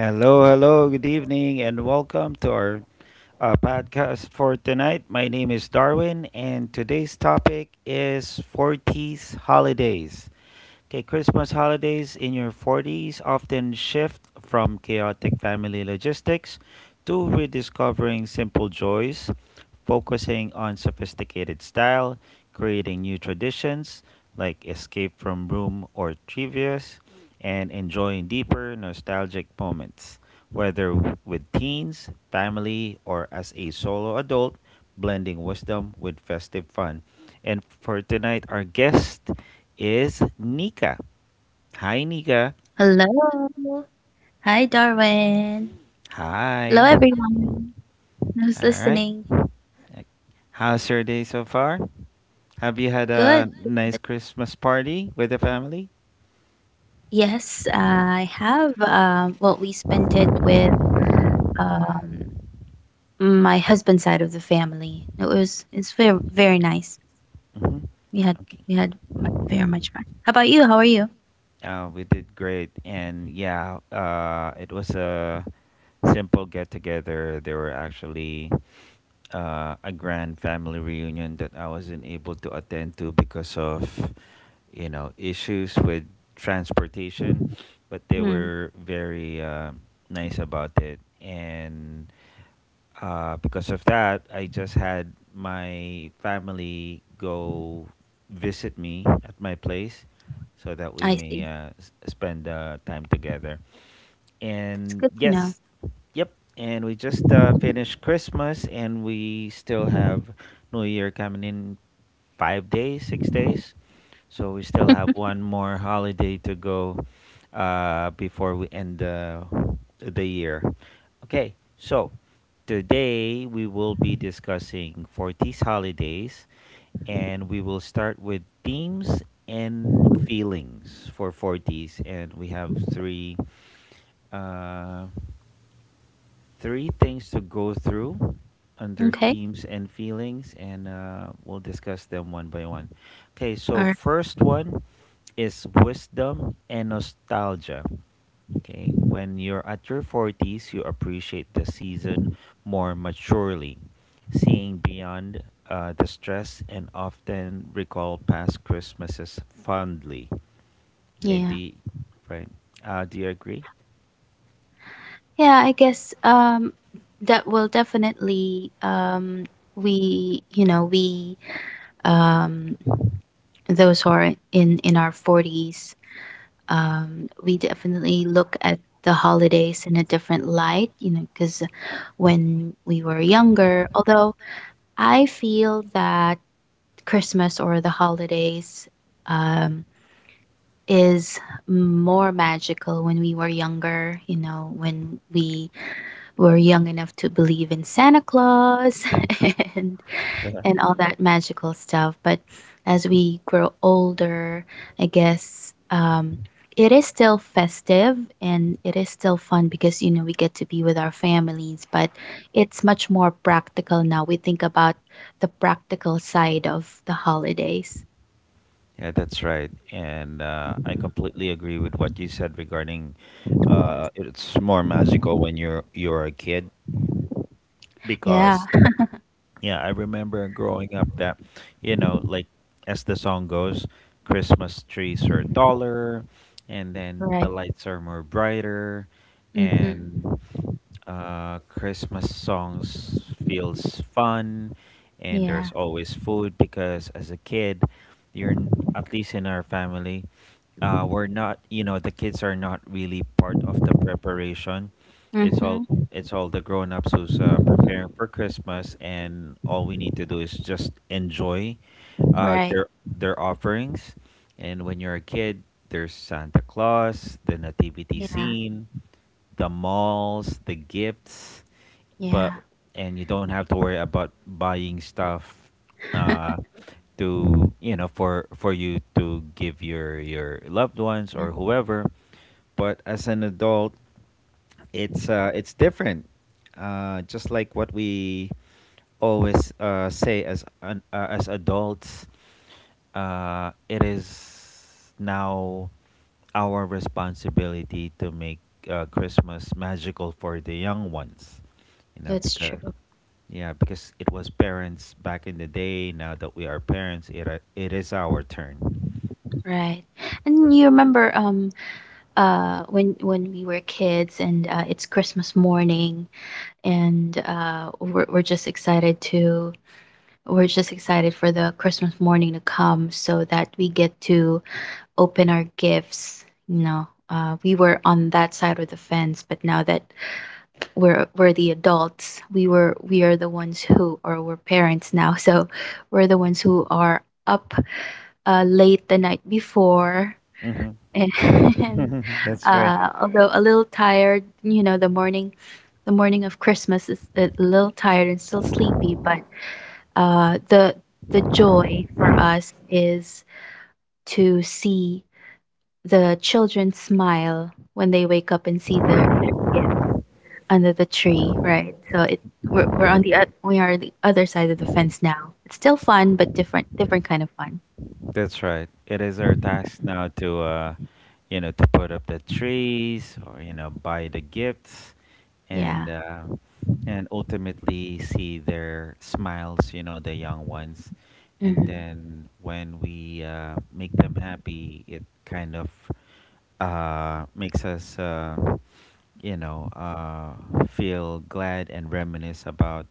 Hello, hello, good evening, and welcome to our podcast for tonight. My name is Darwin, and today's topic is 40s holidays. Okay, Christmas holidays in your 40s often shift from chaotic family logistics to rediscovering simple joys, focusing on sophisticated style, creating new traditions like escape from room or trivias, and enjoying deeper nostalgic moments. Whether with teens, family, or as a solo adult, blending wisdom with festive fun. And for tonight, our guest is Nika. Hi, Nika. Hello. Hi, Darwin. Hello, Hi. everyone who's All right. listening. How's your day so far? Have you had Good. a nice Christmas party with the family? Yes, I have. Well, we spent it with um, my husband's side of the family. It's very nice. Hmm. We had Okay. we had mu very much fun. How about you? How are you? We did great. And yeah, it was a simple get together. There were actually a grand family reunion that I wasn't able to attend to because of, you know, issues with transportation. But they Hmm. were very nice about it. And Because of that, I just had my family go visit me at my place so that we I may see. Spend time together. That's And good to know. yes, yep. And we just finished Christmas, and we still have New Year coming in 5 days, 6 days. So we still have one more holiday to go before we end the year. Okay, so today we will be discussing for these holidays, and we will start with themes and feelings for 40s, and we have three uh, three things to go through under Okay. themes and feelings, and we'll discuss them one by one. Okay, so All first one is wisdom and nostalgia. Okay, when you're at your 40s, you appreciate the season more maturely, seeing beyond the stress and often recall past Christmases fondly. Okay, do Yeah. you, right? Do you agree? Yeah, I guess that will definitely we you know, we um those who are in our 40s we definitely look at the holidays in a different light, you know, cuz when we were younger, although I feel that Christmas or the holidays um is more magical when we were younger, you know, when we're young enough to believe in Santa Claus and and all that magical stuff. But as we grow older, I guess it is still festive and it is still fun because, you know, we get to be with our families, but it's much more practical now. We think about the practical side of the holidays. Yeah, that's right. And I completely agree with what you said regarding it's more magical when you're a kid Yeah, because yeah, I remember growing up that, you know, like as the song goes, Christmas trees are taller, and then the right. lights are more brighter, Mm-hmm. and Christmas songs feels fun, and there's Yeah. always food because as a kid, at least in our family, we're not, you know, the kids are not really part of the preparation. it's all Mm-hmm. it's all the grown ups who's preparing for Christmas, and all we need to do is just enjoy uh, Right. their their offerings. And when you're a kid, there's Santa Claus, the nativity Yeah. scene, the malls, the gifts, but Yeah. and you don't have to worry about buying stuff uh, to you know for you to give your loved ones Yeah. or whoever. But as an adult, it's different. Just like what we always say as an as adults, it is now our responsibility to make Christmas magical for the young ones. You know, That's because true. yeah, because it was parents back in the day. Now that we are parents, it are, it is our turn. Right. And you remember when we were kids and it's Christmas morning and uh, we're just excited for the Christmas morning to come so that we get to open our gifts, you know. We were on that side of the fence, but now that we're the adults, we are the ones who or we're parents now, so we're the ones who are up late the night before and That's right. Although a little tired, you know, the morning of Christmas is a little tired and still sleepy, but uh, the the joy for us is to see the children smile when they wake up and see their gift under the tree, right? So we're on the we are the other side of the fence now. It's still fun, but different kind of fun. That's right. It is our task now to, you know, to put up the trees or you know buy the gifts, and Yeah. uh, and ultimately see their smiles. You know, the young ones, and Hmm. then when we make them happy, it kind of makes us. You know, uh, feel glad and reminisce about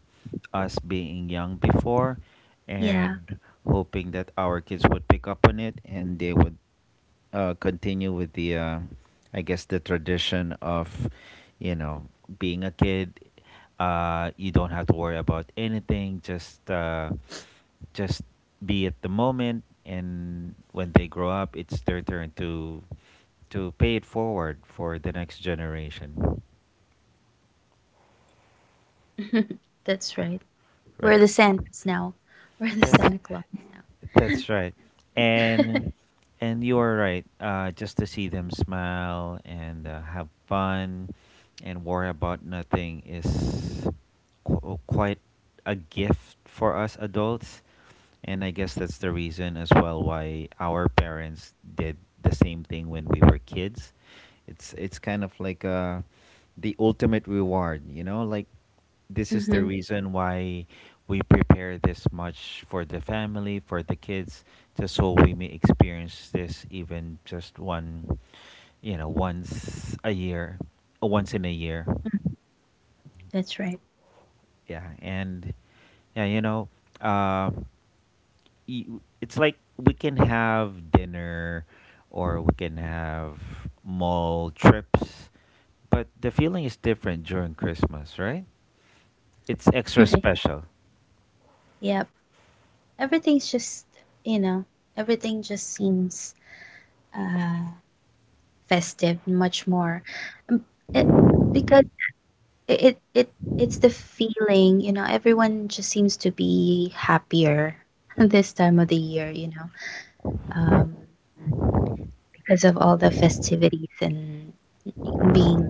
us being young before, Yeah. and hoping that our kids would pick up on it and they would continue with I guess, the tradition of, you know, being a kid. You don't have to worry about anything. Just be at the moment. And when they grow up, it's their turn to pay it forward for the next generation. That's right. We're Right. the Santas now. We're the That's Santa Claus that's now. right. And and you are right. Just to see them smile and have fun and worry about nothing is quite a gift for us adults. And I guess that's the reason as well why our parents did the same thing when we were kids. It's kind of like the ultimate reward, you know, like this is the Mhm. reason why we prepare this much for the family, for the kids, just so we may experience this even just one, you know, once a year, once in a year. Mhm. That's right. Yeah, and yeah, you know, uh, y- it's like we can have dinner or we can have mall trips, but the feeling is different during Christmas, right? It's extra Right. special. Yep. Everything's just, you know, everything just seems uh festive much more. Um, It, because it's the feeling, you know, everyone just seems to be happier this time of the year, you know. Um because of all the festivities and being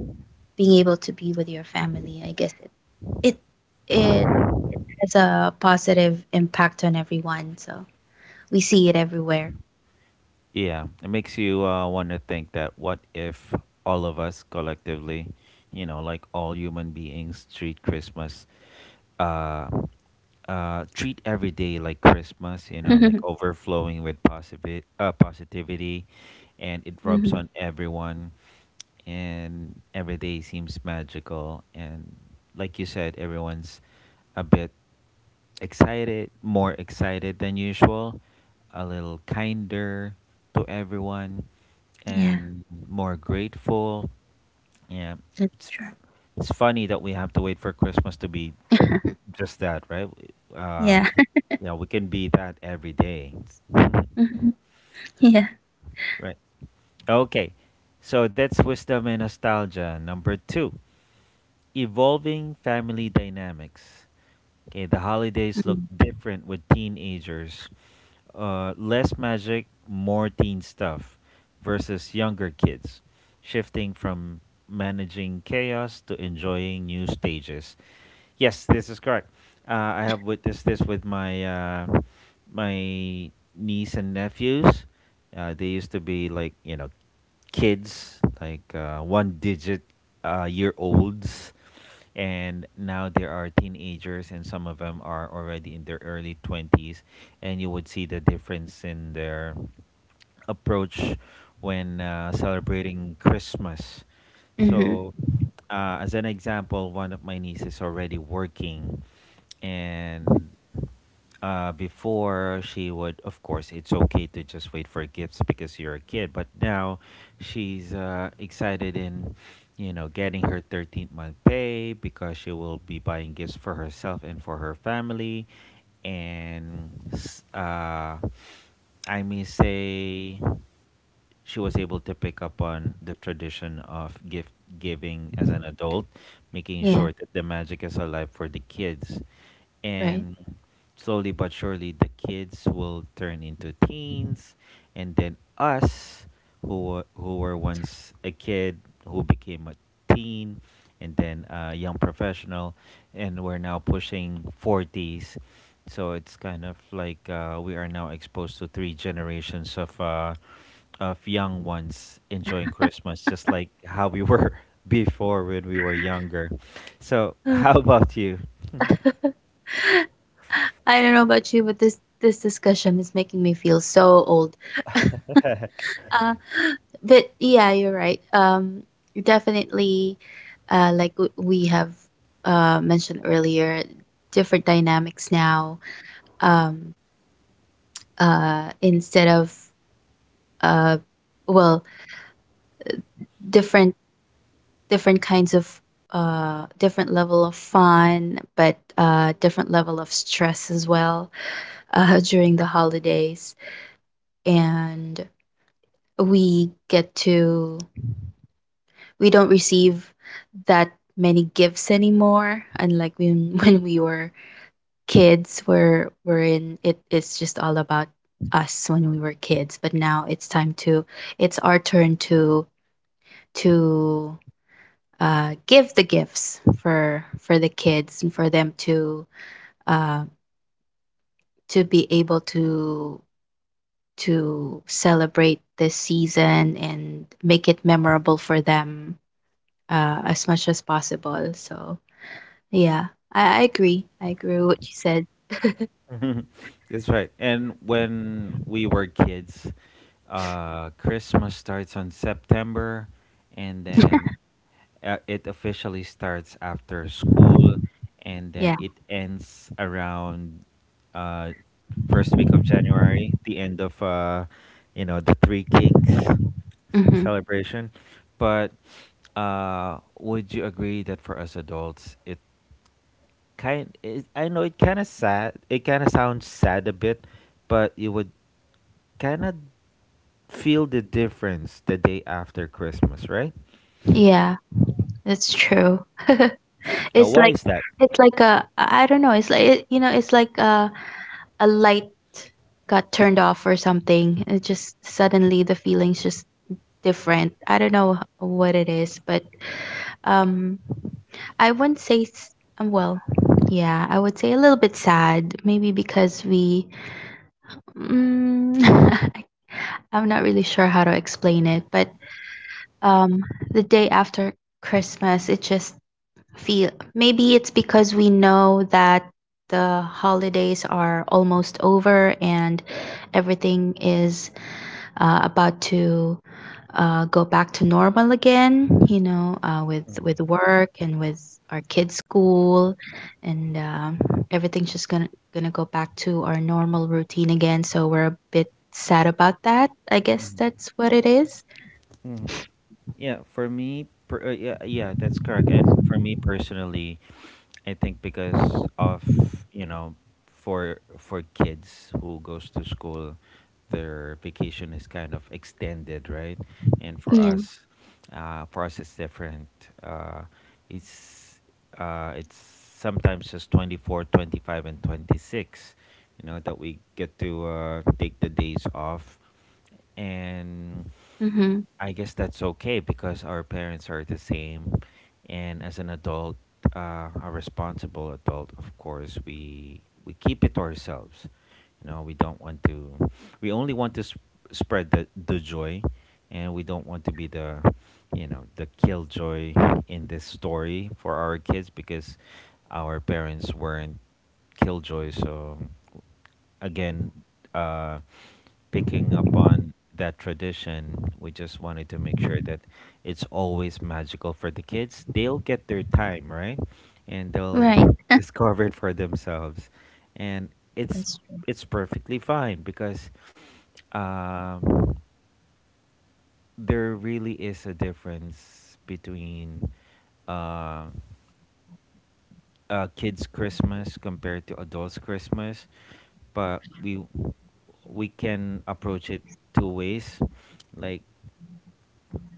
being able to be with your family, I guess it, it has a positive impact on everyone, so we see it everywhere. Yeah, it makes you want to think that what if all of us collectively, you know, like all human beings, treat Christmas, uh, treat every day like Christmas, you know, Hmm. like overflowing with positive positivity, and it rubs on everyone, and every day seems magical, and like you said, everyone's a bit excited, more excited than usual, a little kinder to everyone, Yeah, and more grateful. Yeah, that's it's true. it's funny that we have to wait for Christmas to be just that, right? Uh, Yeah. yeah, we can be that every day, right? Mhm. Yeah. Okay, so that's wisdom and nostalgia number two. Evolving family dynamics. Okay, the holidays look different with teenagers. Less magic, more teen stuff versus younger kids, shifting from managing chaos to enjoying new stages. Yes, this is correct. I have witnessed this with my niece and nephews. They used to be like you know kids, like one digit year olds, and now there are teenagers and some of them are already in their early 20s, and you would see the difference in their approach when celebrating Christmas. Mm-hmm. So, as an example, one of my nieces already working, and before she would of course it's okay to just wait for gifts because you're a kid, but now she's excited in you know getting her 13th month pay because she will be buying gifts for herself and for her family, and I may say she was able to pick up on the tradition of gift giving as an adult, making Yeah. sure that the magic is alive for the kids. Right. And slowly but surely the kids will turn into teens, and then us who were once a kid who became a teen and then a young professional, and we're now pushing 40s. So it's kind of like we are now exposed to three generations of young ones enjoying Christmas, just like how we were before when we were younger. So, Uh, how about you? I don't know about you, but this discussion is making me feel so old. Uh, but yeah, you're right. Definitely, like, we have mentioned earlier, different dynamics now. Um, instead of uh, well, different kinds of different level of fun, but different level of stress as well, during the holidays. And we get to we don't receive that many gifts anymore, unlike when when we were kids, where wherein it is just all about us when we were kids. But now it's time to it's our turn to to give the gifts for the kids, and for them uh, to be able to celebrate this season and make it memorable for them, as much as possible. So yeah, I agree. I agree with what you said. Mhm. That's right. And when we were kids, Christmas starts on September, and then it officially starts after school, and then Yeah. it ends around uh, first week of January, the end of you know the Three Kings Mhm. celebration. But would you agree that for us adults, it kind it, I know it kind of sad. It kind of sounds sad a bit, but you would kind of feel the difference the day after Christmas, right? Yeah, that's true. Yeah, It's why like is that? it's like a I don't know, it's like it's like a light got turned off or something. It just suddenly the feeling's just different. I don't know what it is, but um I wouldn't say um, well, yeah, I would say a little bit sad, maybe because we mm, I I'm not really sure how to explain it, but um the day after Christmas it just feel, maybe it's because we know that the holidays are almost over and everything is about to go back to normal again, you know, with work and with our kids school, and everything's just gonna go back to our normal routine again, so we're a bit sad about that, I guess Mhm. that's what it is. Mm. Yeah, yeah, yeah, that's correct. And for me personally, I think because of you know, for kids who goes to school, their vacation is kind of extended, right? And Yeah. For us it's different. Uh, it's it's sometimes just 24, 25, and 26. You know that we get to take the days off, and Mm-hmm. I guess that's okay because our parents are the same, and as an adult, a responsible adult, of course, we keep it to ourselves. You know, we don't want to. We only want to spread the joy, and we don't want to be the, you know, the killjoy in this story for our kids because our parents weren't killjoy. So again, uh, picking up on that tradition, we just wanted to make sure that it's always magical for the kids. They'll get their time, right? And they'll Right. discover it for themselves. And That's it's true. it's perfectly fine because um, there really is a difference between uh, kids' Christmas compared to adults' Christmas, but we can approach it two ways. Like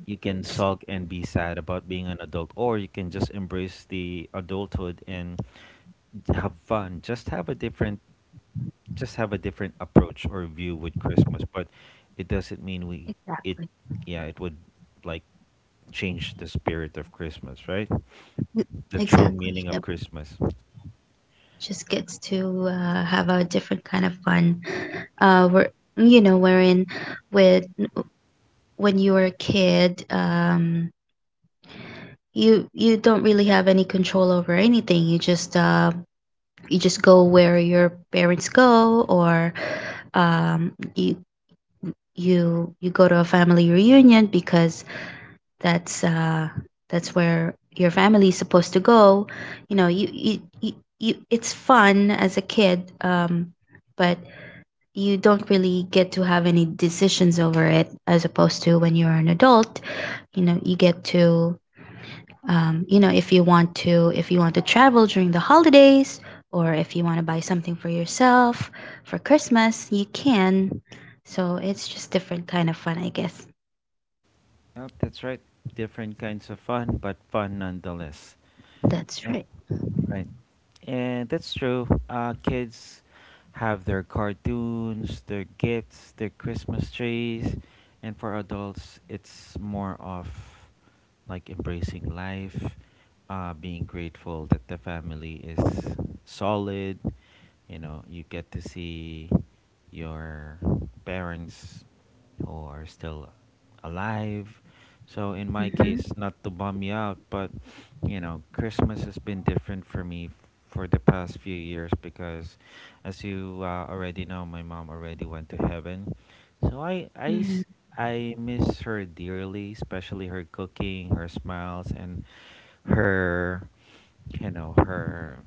you can sulk and be sad about being an adult, or you can just embrace the adulthood and have fun. Just have a different, just have a different approach or view with Christmas, but it doesn't mean we it, Exactly. yeah, it would like change the spirit of Christmas, right? Mm. The true Exactly. meaning of Yep. Christmas. Just gets to have a different kind of fun. Where you know, wherein with when you were a kid, you you don't really have any control over anything. You just go where your parents go, or you you you go to a family reunion because that's uh that's where your family is supposed to go. You know, you, it's fun as a kid, but you don't really get to have any decisions over it, as opposed to when you're an adult. You know, you get to you know, if you want to if you want to travel during the holidays, or if you want to buy something for yourself for Christmas, you can. So it's just different kind of fun, I guess. Yep, that's right. Different kinds of fun, but fun nonetheless. That's Yep, right. right. And that's true. Kids have their cartoons, their gifts, their Christmas trees, and for adults, it's more of like embracing life, being grateful that the family is solid. You know, you get to see your parents or still alive. So in my Mm-hmm. case, not to bum you out, but Christmas has been different for me for the past few years because, as you already know, my mom already went to heaven. So I, I, Mm-hmm. s- I miss her dearly, especially her cooking, her smiles, and her, you know, her,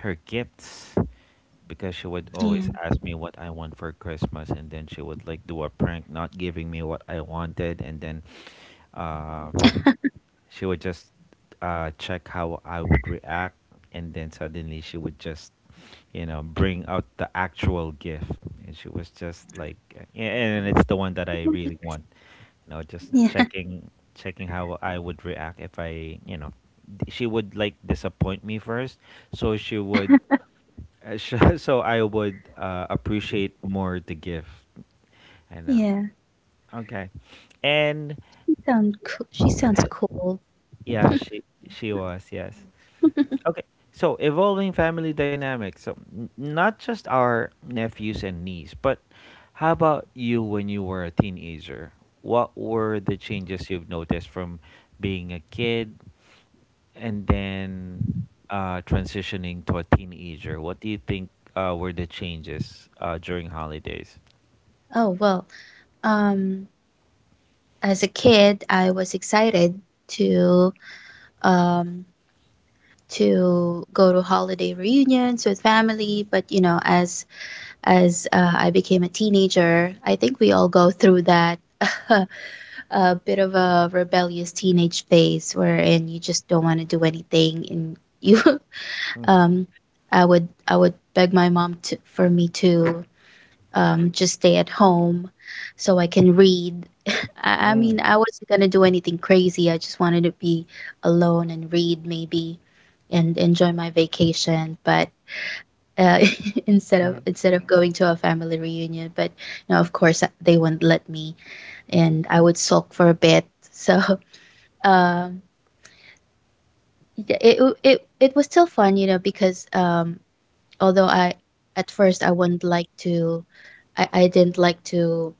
her gifts because she would Yeah. always ask me what I want for Christmas, and then she would like do a prank, not giving me what I wanted, and then uh, she would just check how I would react, and then suddenly she would just, you know, bring out the actual gift, and she was just like, yeah, and it's the one that I really want, you know, just Yeah, checking how I would react if I, she would like disappoint me first, so she would so I would appreciate more the gift. I know. yeah. Okay. And She sound cool. She sounds cool. yeah, she was, yes. Okay. So evolving family dynamics. So not just our nephews and niece, but how about you when you were a teenager? What were the changes you've noticed from being a kid and then transitioning to a teenager? What do you think were the changes during holidays? Oh well. Um, as a kid, I was excited to um to go to holiday reunions with family. But you know, as I became a teenager, I think we all go through that a bit of a rebellious teenage phase wherein you just don't want to do anything, and you Mm. um, I would I would beg my mom to for me to just stay at home so I can read. I mean, I wasn't gonna do anything crazy. I just wanted to be alone and read maybe, and enjoy my vacation. But uh, Mm-hmm. instead of going to a family reunion. But you, of course, they wouldn't let me, and I would sulk for a bit. So um, yeah, it it was still fun, you know, because although I at first I wouldn't like to. I didn't like to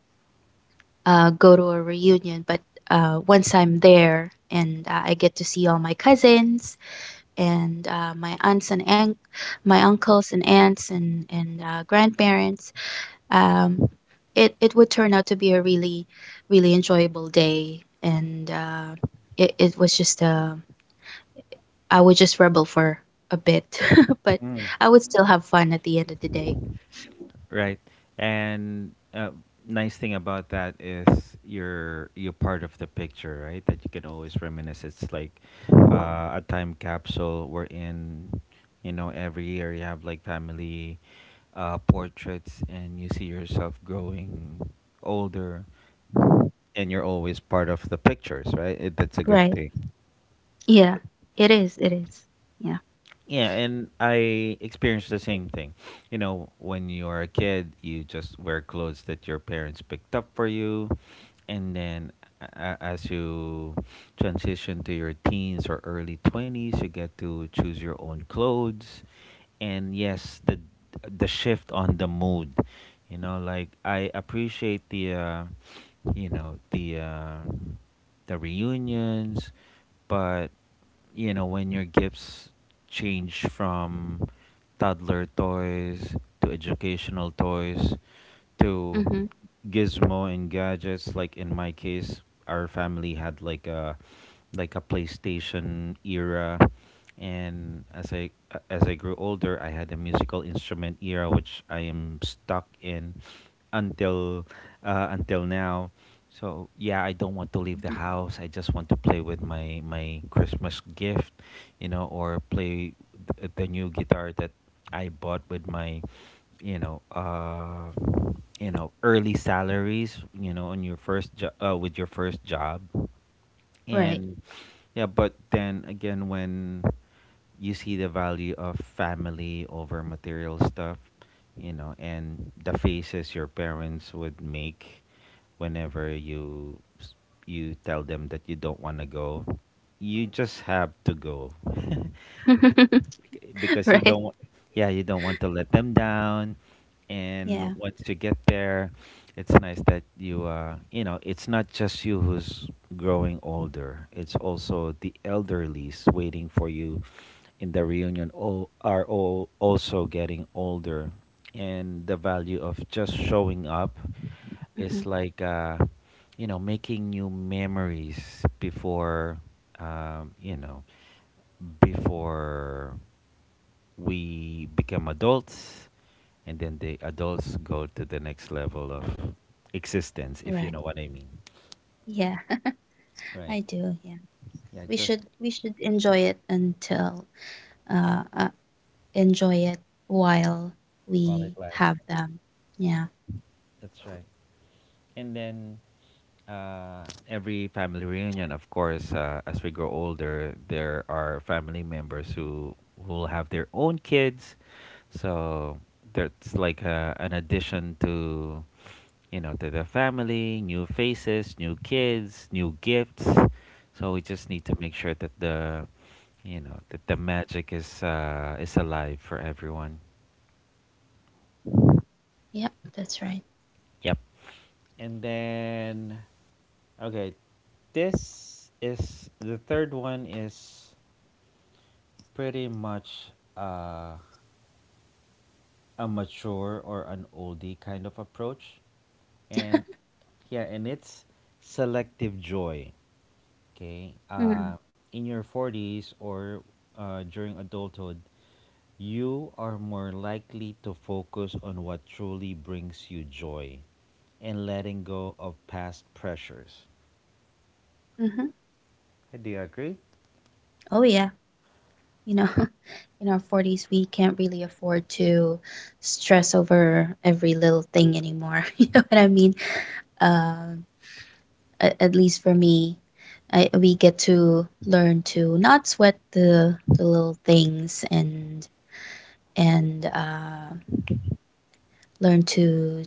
go to a reunion. But once I'm there and I get to see all my cousins and my aunts and my uncles and aunts and grandparents, um, it it would turn out to be a really really enjoyable day. And it it was just a I would just rebel for a bit, but Mm. I would still have fun at the end of the day. Right. And nice thing about that is you're part of the picture, right? That you can always reminisce. It's like a time capsule wherein you know every year you have like family portraits and you see yourself growing older, and you're always part of the pictures, right? That's a good Right. thing. Yeah. It is. It is. Yeah. Yeah, and I experienced the same thing. You know, when you're a kid, you just wear clothes that your parents picked up for you, and then a- as you transition to your teens or early 20s, you get to choose your own clothes. And yes, the shift on the mood, you know, like I appreciate the you know the reunions. But you know, when your gifts change from toddler toys to educational toys to Mhm. gizmo and gadgets. Like in my case, our family had like a PlayStation era, and as I grew older I had a musical instrument era which I am stuck in until until now. So yeah, I don't want to leave the house. I just want to play with my Christmas gift, you know, or play the new guitar that I bought with my, you know, early salaries, you know, on your with your first job. Right. And yeah, but then again, when you see the value of family over material stuff, you know, and the faces your parents would make whenever you tell them that you don't want to go, you just have to go. Because you Right. don't, yeah, you don't want to let them down. Yeah. And once you get there, it's nice that you know it's not just you who's growing older, it's also the elderlies waiting for you in the reunion all also getting older. And the value of just showing up Mhm. is like you know making new memories before you know before we become adults, and then the adults go to the next level of existence, Right. if you know what I mean. Yeah. I Right. do. Yeah. We Yeah, should just we should enjoy it until uh, uh enjoy it while while we it have lasts. them. Yeah. That's right. And then every family reunion, of course, as we grow older, there are family members who will have their own kids. So that's like a, an addition to, you know, to the family, new faces, new kids, new gifts. So we just need to make sure that the, you know, that the magic is alive for everyone. Yep, that's right. Yep. And then, okay, this is the third one is pretty much uh, a mature or an oldie kind of approach. And yeah, and it's selective joy. Okay. Mm. In your 40s or during adulthood, you are more likely to focus on what truly brings you joy and letting go of past pressures. Hmm. Hey, do you agree? Oh yeah, you know, in our forties, we can't really afford to stress over every little thing anymore. You know what I mean? Um, at least for me, we get to learn to not sweat the little things and and learn to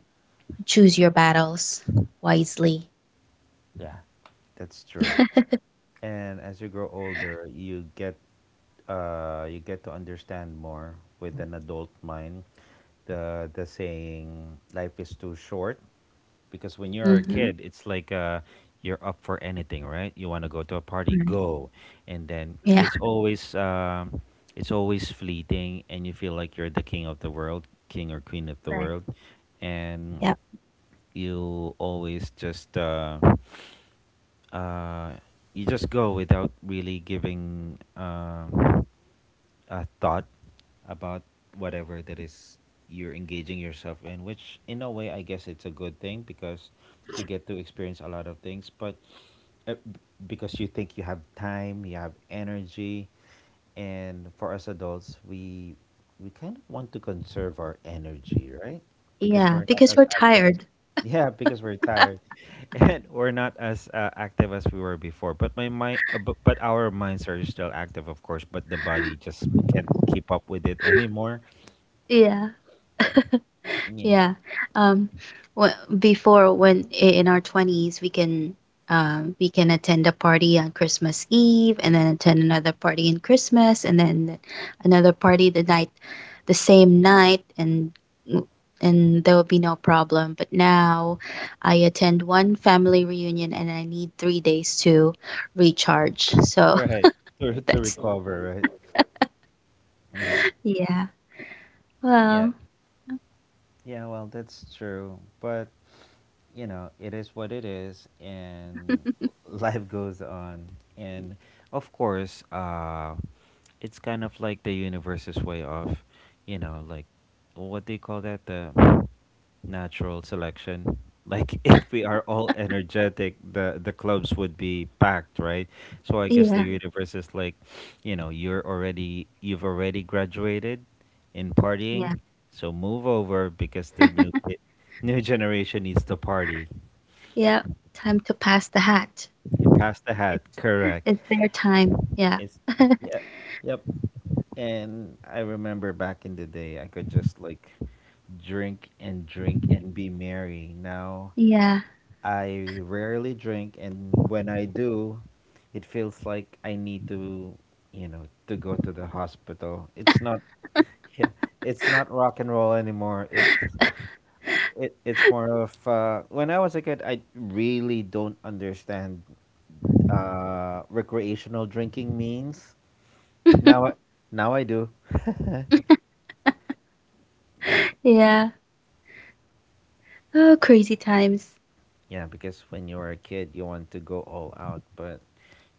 choose your battles wisely. Yeah. That's true. And as you grow older, you get to understand more with an adult mind. The saying life is too short, because when you're a Mhm. kid, it's like you're up for anything, right? You want to go to a party, Right. go, and then Yeah. It's always fleeting, and you feel like you're the king of the world, king or queen of the Right. world, and Yep. you always just uh, you just go without really giving a thought about whatever that is you're engaging yourself in, which in a way I guess it's a good thing because you get to experience a lot of things. But uh, b- because you think you have time, you have energy. And for us adults, we kind of want to conserve our energy, right? Because Yeah, we're not because as we're active as tired. yeah, because we're tired, and we're not as active as we were before. But my mind, but our minds are still active, of course. But the body just can't keep up with it anymore. Yeah. Yeah, Yeah. Um, wh- Before when in our 20s we can attend a party on Christmas Eve and then attend another party in Christmas, and then another party the same night, and w- and there will be no problem. But now I attend one family reunion and I need 3 days to recharge. So right. To that's recover, right? Hmm. yeah. Yeah, Well, yeah, well, that's true. But, you know, it is what it is, and life goes on. And of course, it's kind of like the universe's way of, you know, like what do you call that? The natural selection. Like if we are all energetic, the clubs would be packed, right? So I guess the yeah. universe is like, you know, you've already graduated, in Yeah. partying. So move over because the new kid, new generation needs to party. Yeah. Time to pass the hat. It passed the hat, correct? it's their time. Yeah. It's yep, yep. And I remember back in the day, I could just like drink and drink and be merry. Now, Yeah. I rarely drink, and when I do, it feels like I need to, you know, to go to the hospital. It's not, yeah, it's not rock and roll anymore. It's more of when I was a kid, I really don't understand recreational drinking means. Now, now I do. Yeah, Yeah. Oh, crazy times. yeah, because when you were a kid, you want to go all out. But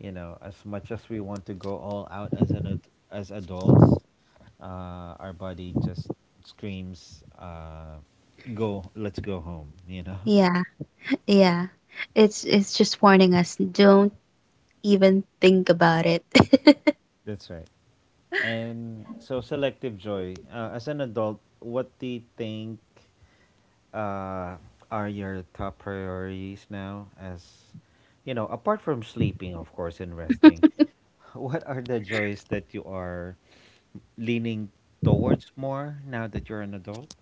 you know, as much as we want to go all out as as adults, our body just screams, "Go, let's go home." You know, Yeah. Yeah. It's just warning us, don't even think about it. that's right. And so selective joy. As an adult, what do you think uh, are your top priorities now? As you know, apart from sleeping, of course, and resting, what are the joys that you are leaning towards more now that you're an adult?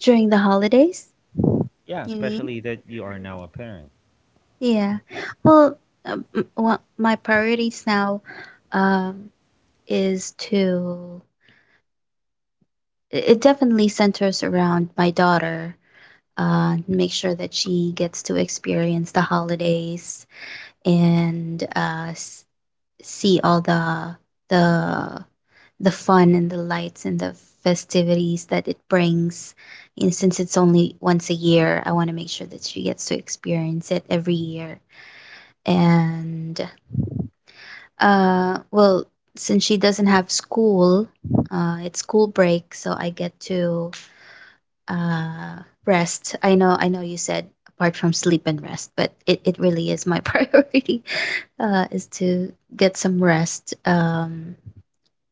During the holidays, Yeah, you mean? especially that you are now a parent. Yeah. Well, my priorities now um is to it it definitely centers around my daughter. Make sure that she gets to experience the holidays and see all the the fun and the lights and the festivities that it brings. And since it's only once a year, I want to make sure that she gets to experience it every year. And well, since she doesn't have school, it's school break, so I get to uh, rest. I know you said apart from sleep and rest, but it really is my priority, is to get some rest.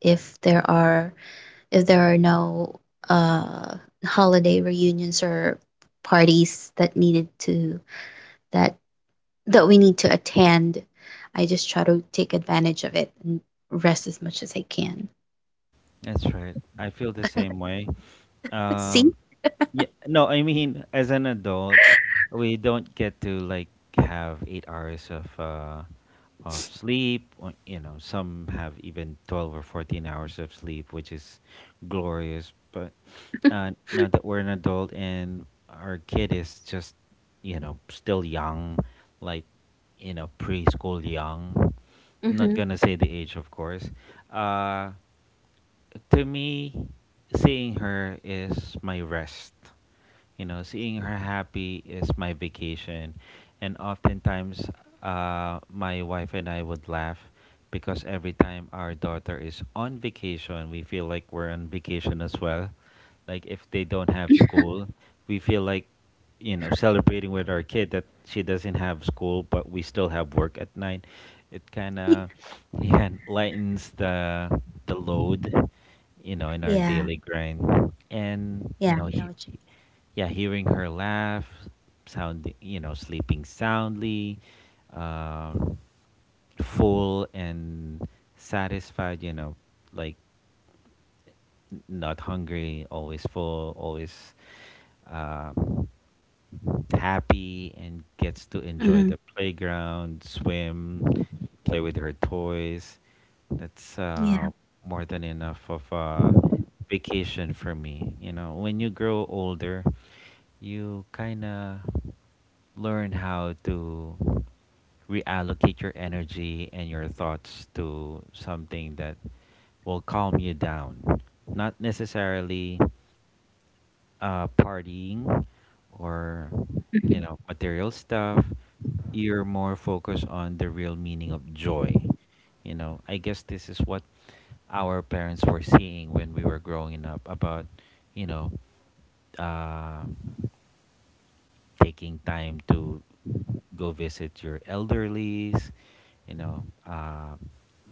If there are if there are no uh holiday reunions or parties that needed to that that we need to attend, I just try to take advantage of it and rest as much as I can. That's right. I feel the same way. Let's Um, see. Yeah, no, I mean, as an adult, we don't get to like have 8 hours of sleep. Or, you know, some have even 12 or 14 hours of sleep, which is glorious. But now that we're an adult and our kid is just, you know, still young, like, you know, preschool young. I'm Mm-hmm. not gonna say the age, of course. Uh, to me, seeing her is my rest. You know, seeing her happy is my vacation. And oftentimes, my wife and I would laugh because every time our daughter is on vacation, we feel like we're on vacation as well. Like if they don't have school, we feel like, you know, celebrating with our kid that she doesn't have school, but we still have work at night. It kind of yeah, lightens the load, you know, in our Yeah. daily grind. And, yeah you I know, know what yeah, hearing her laugh, sound, you know, sleeping soundly, um, full and satisfied, you know, like not hungry, always full, always. Um, happy and gets to you enjoy Mm-hmm. the playground, swim, play with her toys. That's Yeah. More than enough of a vacation for me. You know, when you grow older, you kind of learn how to reallocate your energy and your thoughts to something that will calm you down. Not necessarily partying or you know material stuff. You're more focused on the real meaning of joy. You know, I guess this is what our parents were seeing when we were growing up about, you know, uh, taking time to go visit your elderlies, you know,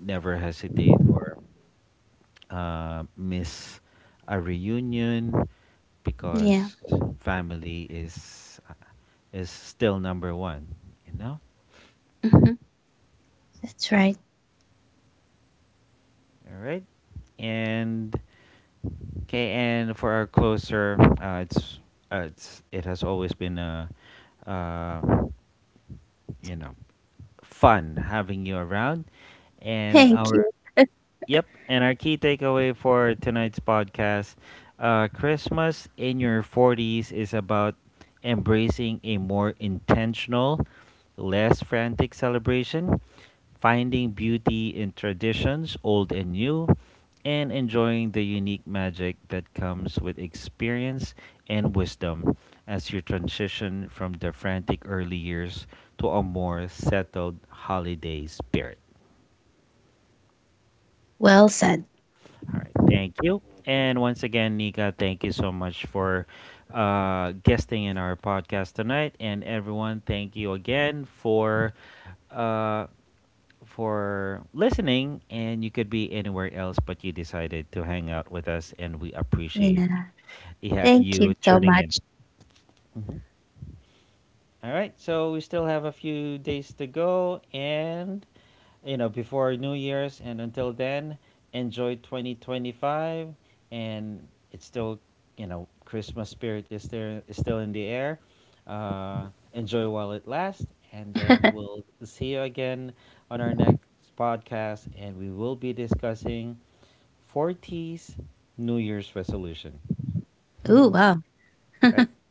never hesitate or miss a reunion Yeah. because family is still number one. You know. Hmm. That's right. All right. And okay, and for our closer, it's it has always been a, uh, you know, fun having you around, and Thank you. our yep, and our key takeaway for tonight's podcast Christmas in your 40s is about embracing a more intentional, less frantic celebration, finding beauty in traditions, old and new, and enjoying the unique magic that comes with experience and wisdom as you transition from the frantic early years to a more settled holiday spirit. Well said. All right, thank you. And once again, Nika, thank you so much for guesting in our podcast tonight. And everyone, thank you again uh, for listening. And you could be anywhere else, but you decided to hang out with us, and we appreciate Yeah, yeah, thank you you so tuning in. much. All right, so we still have a few days to go, and you know, before New Year's, and until then, enjoy 2025. And it's still, you know, Christmas spirit is there, is still in the air. Enjoy while it lasts, and then we'll see you again on our next podcast, and we will be discussing 40s New Year's resolution. Oh wow. Right?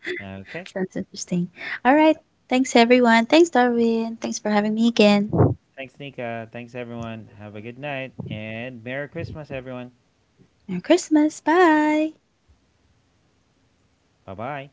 Okay. Sounds interesting. All right. Thanks, everyone. Thanks, Darwin. Thanks for having me again. Thanks, Nika. Thanks, everyone. Have a good night and Merry Christmas, everyone. Merry Christmas. Bye. Bye bye.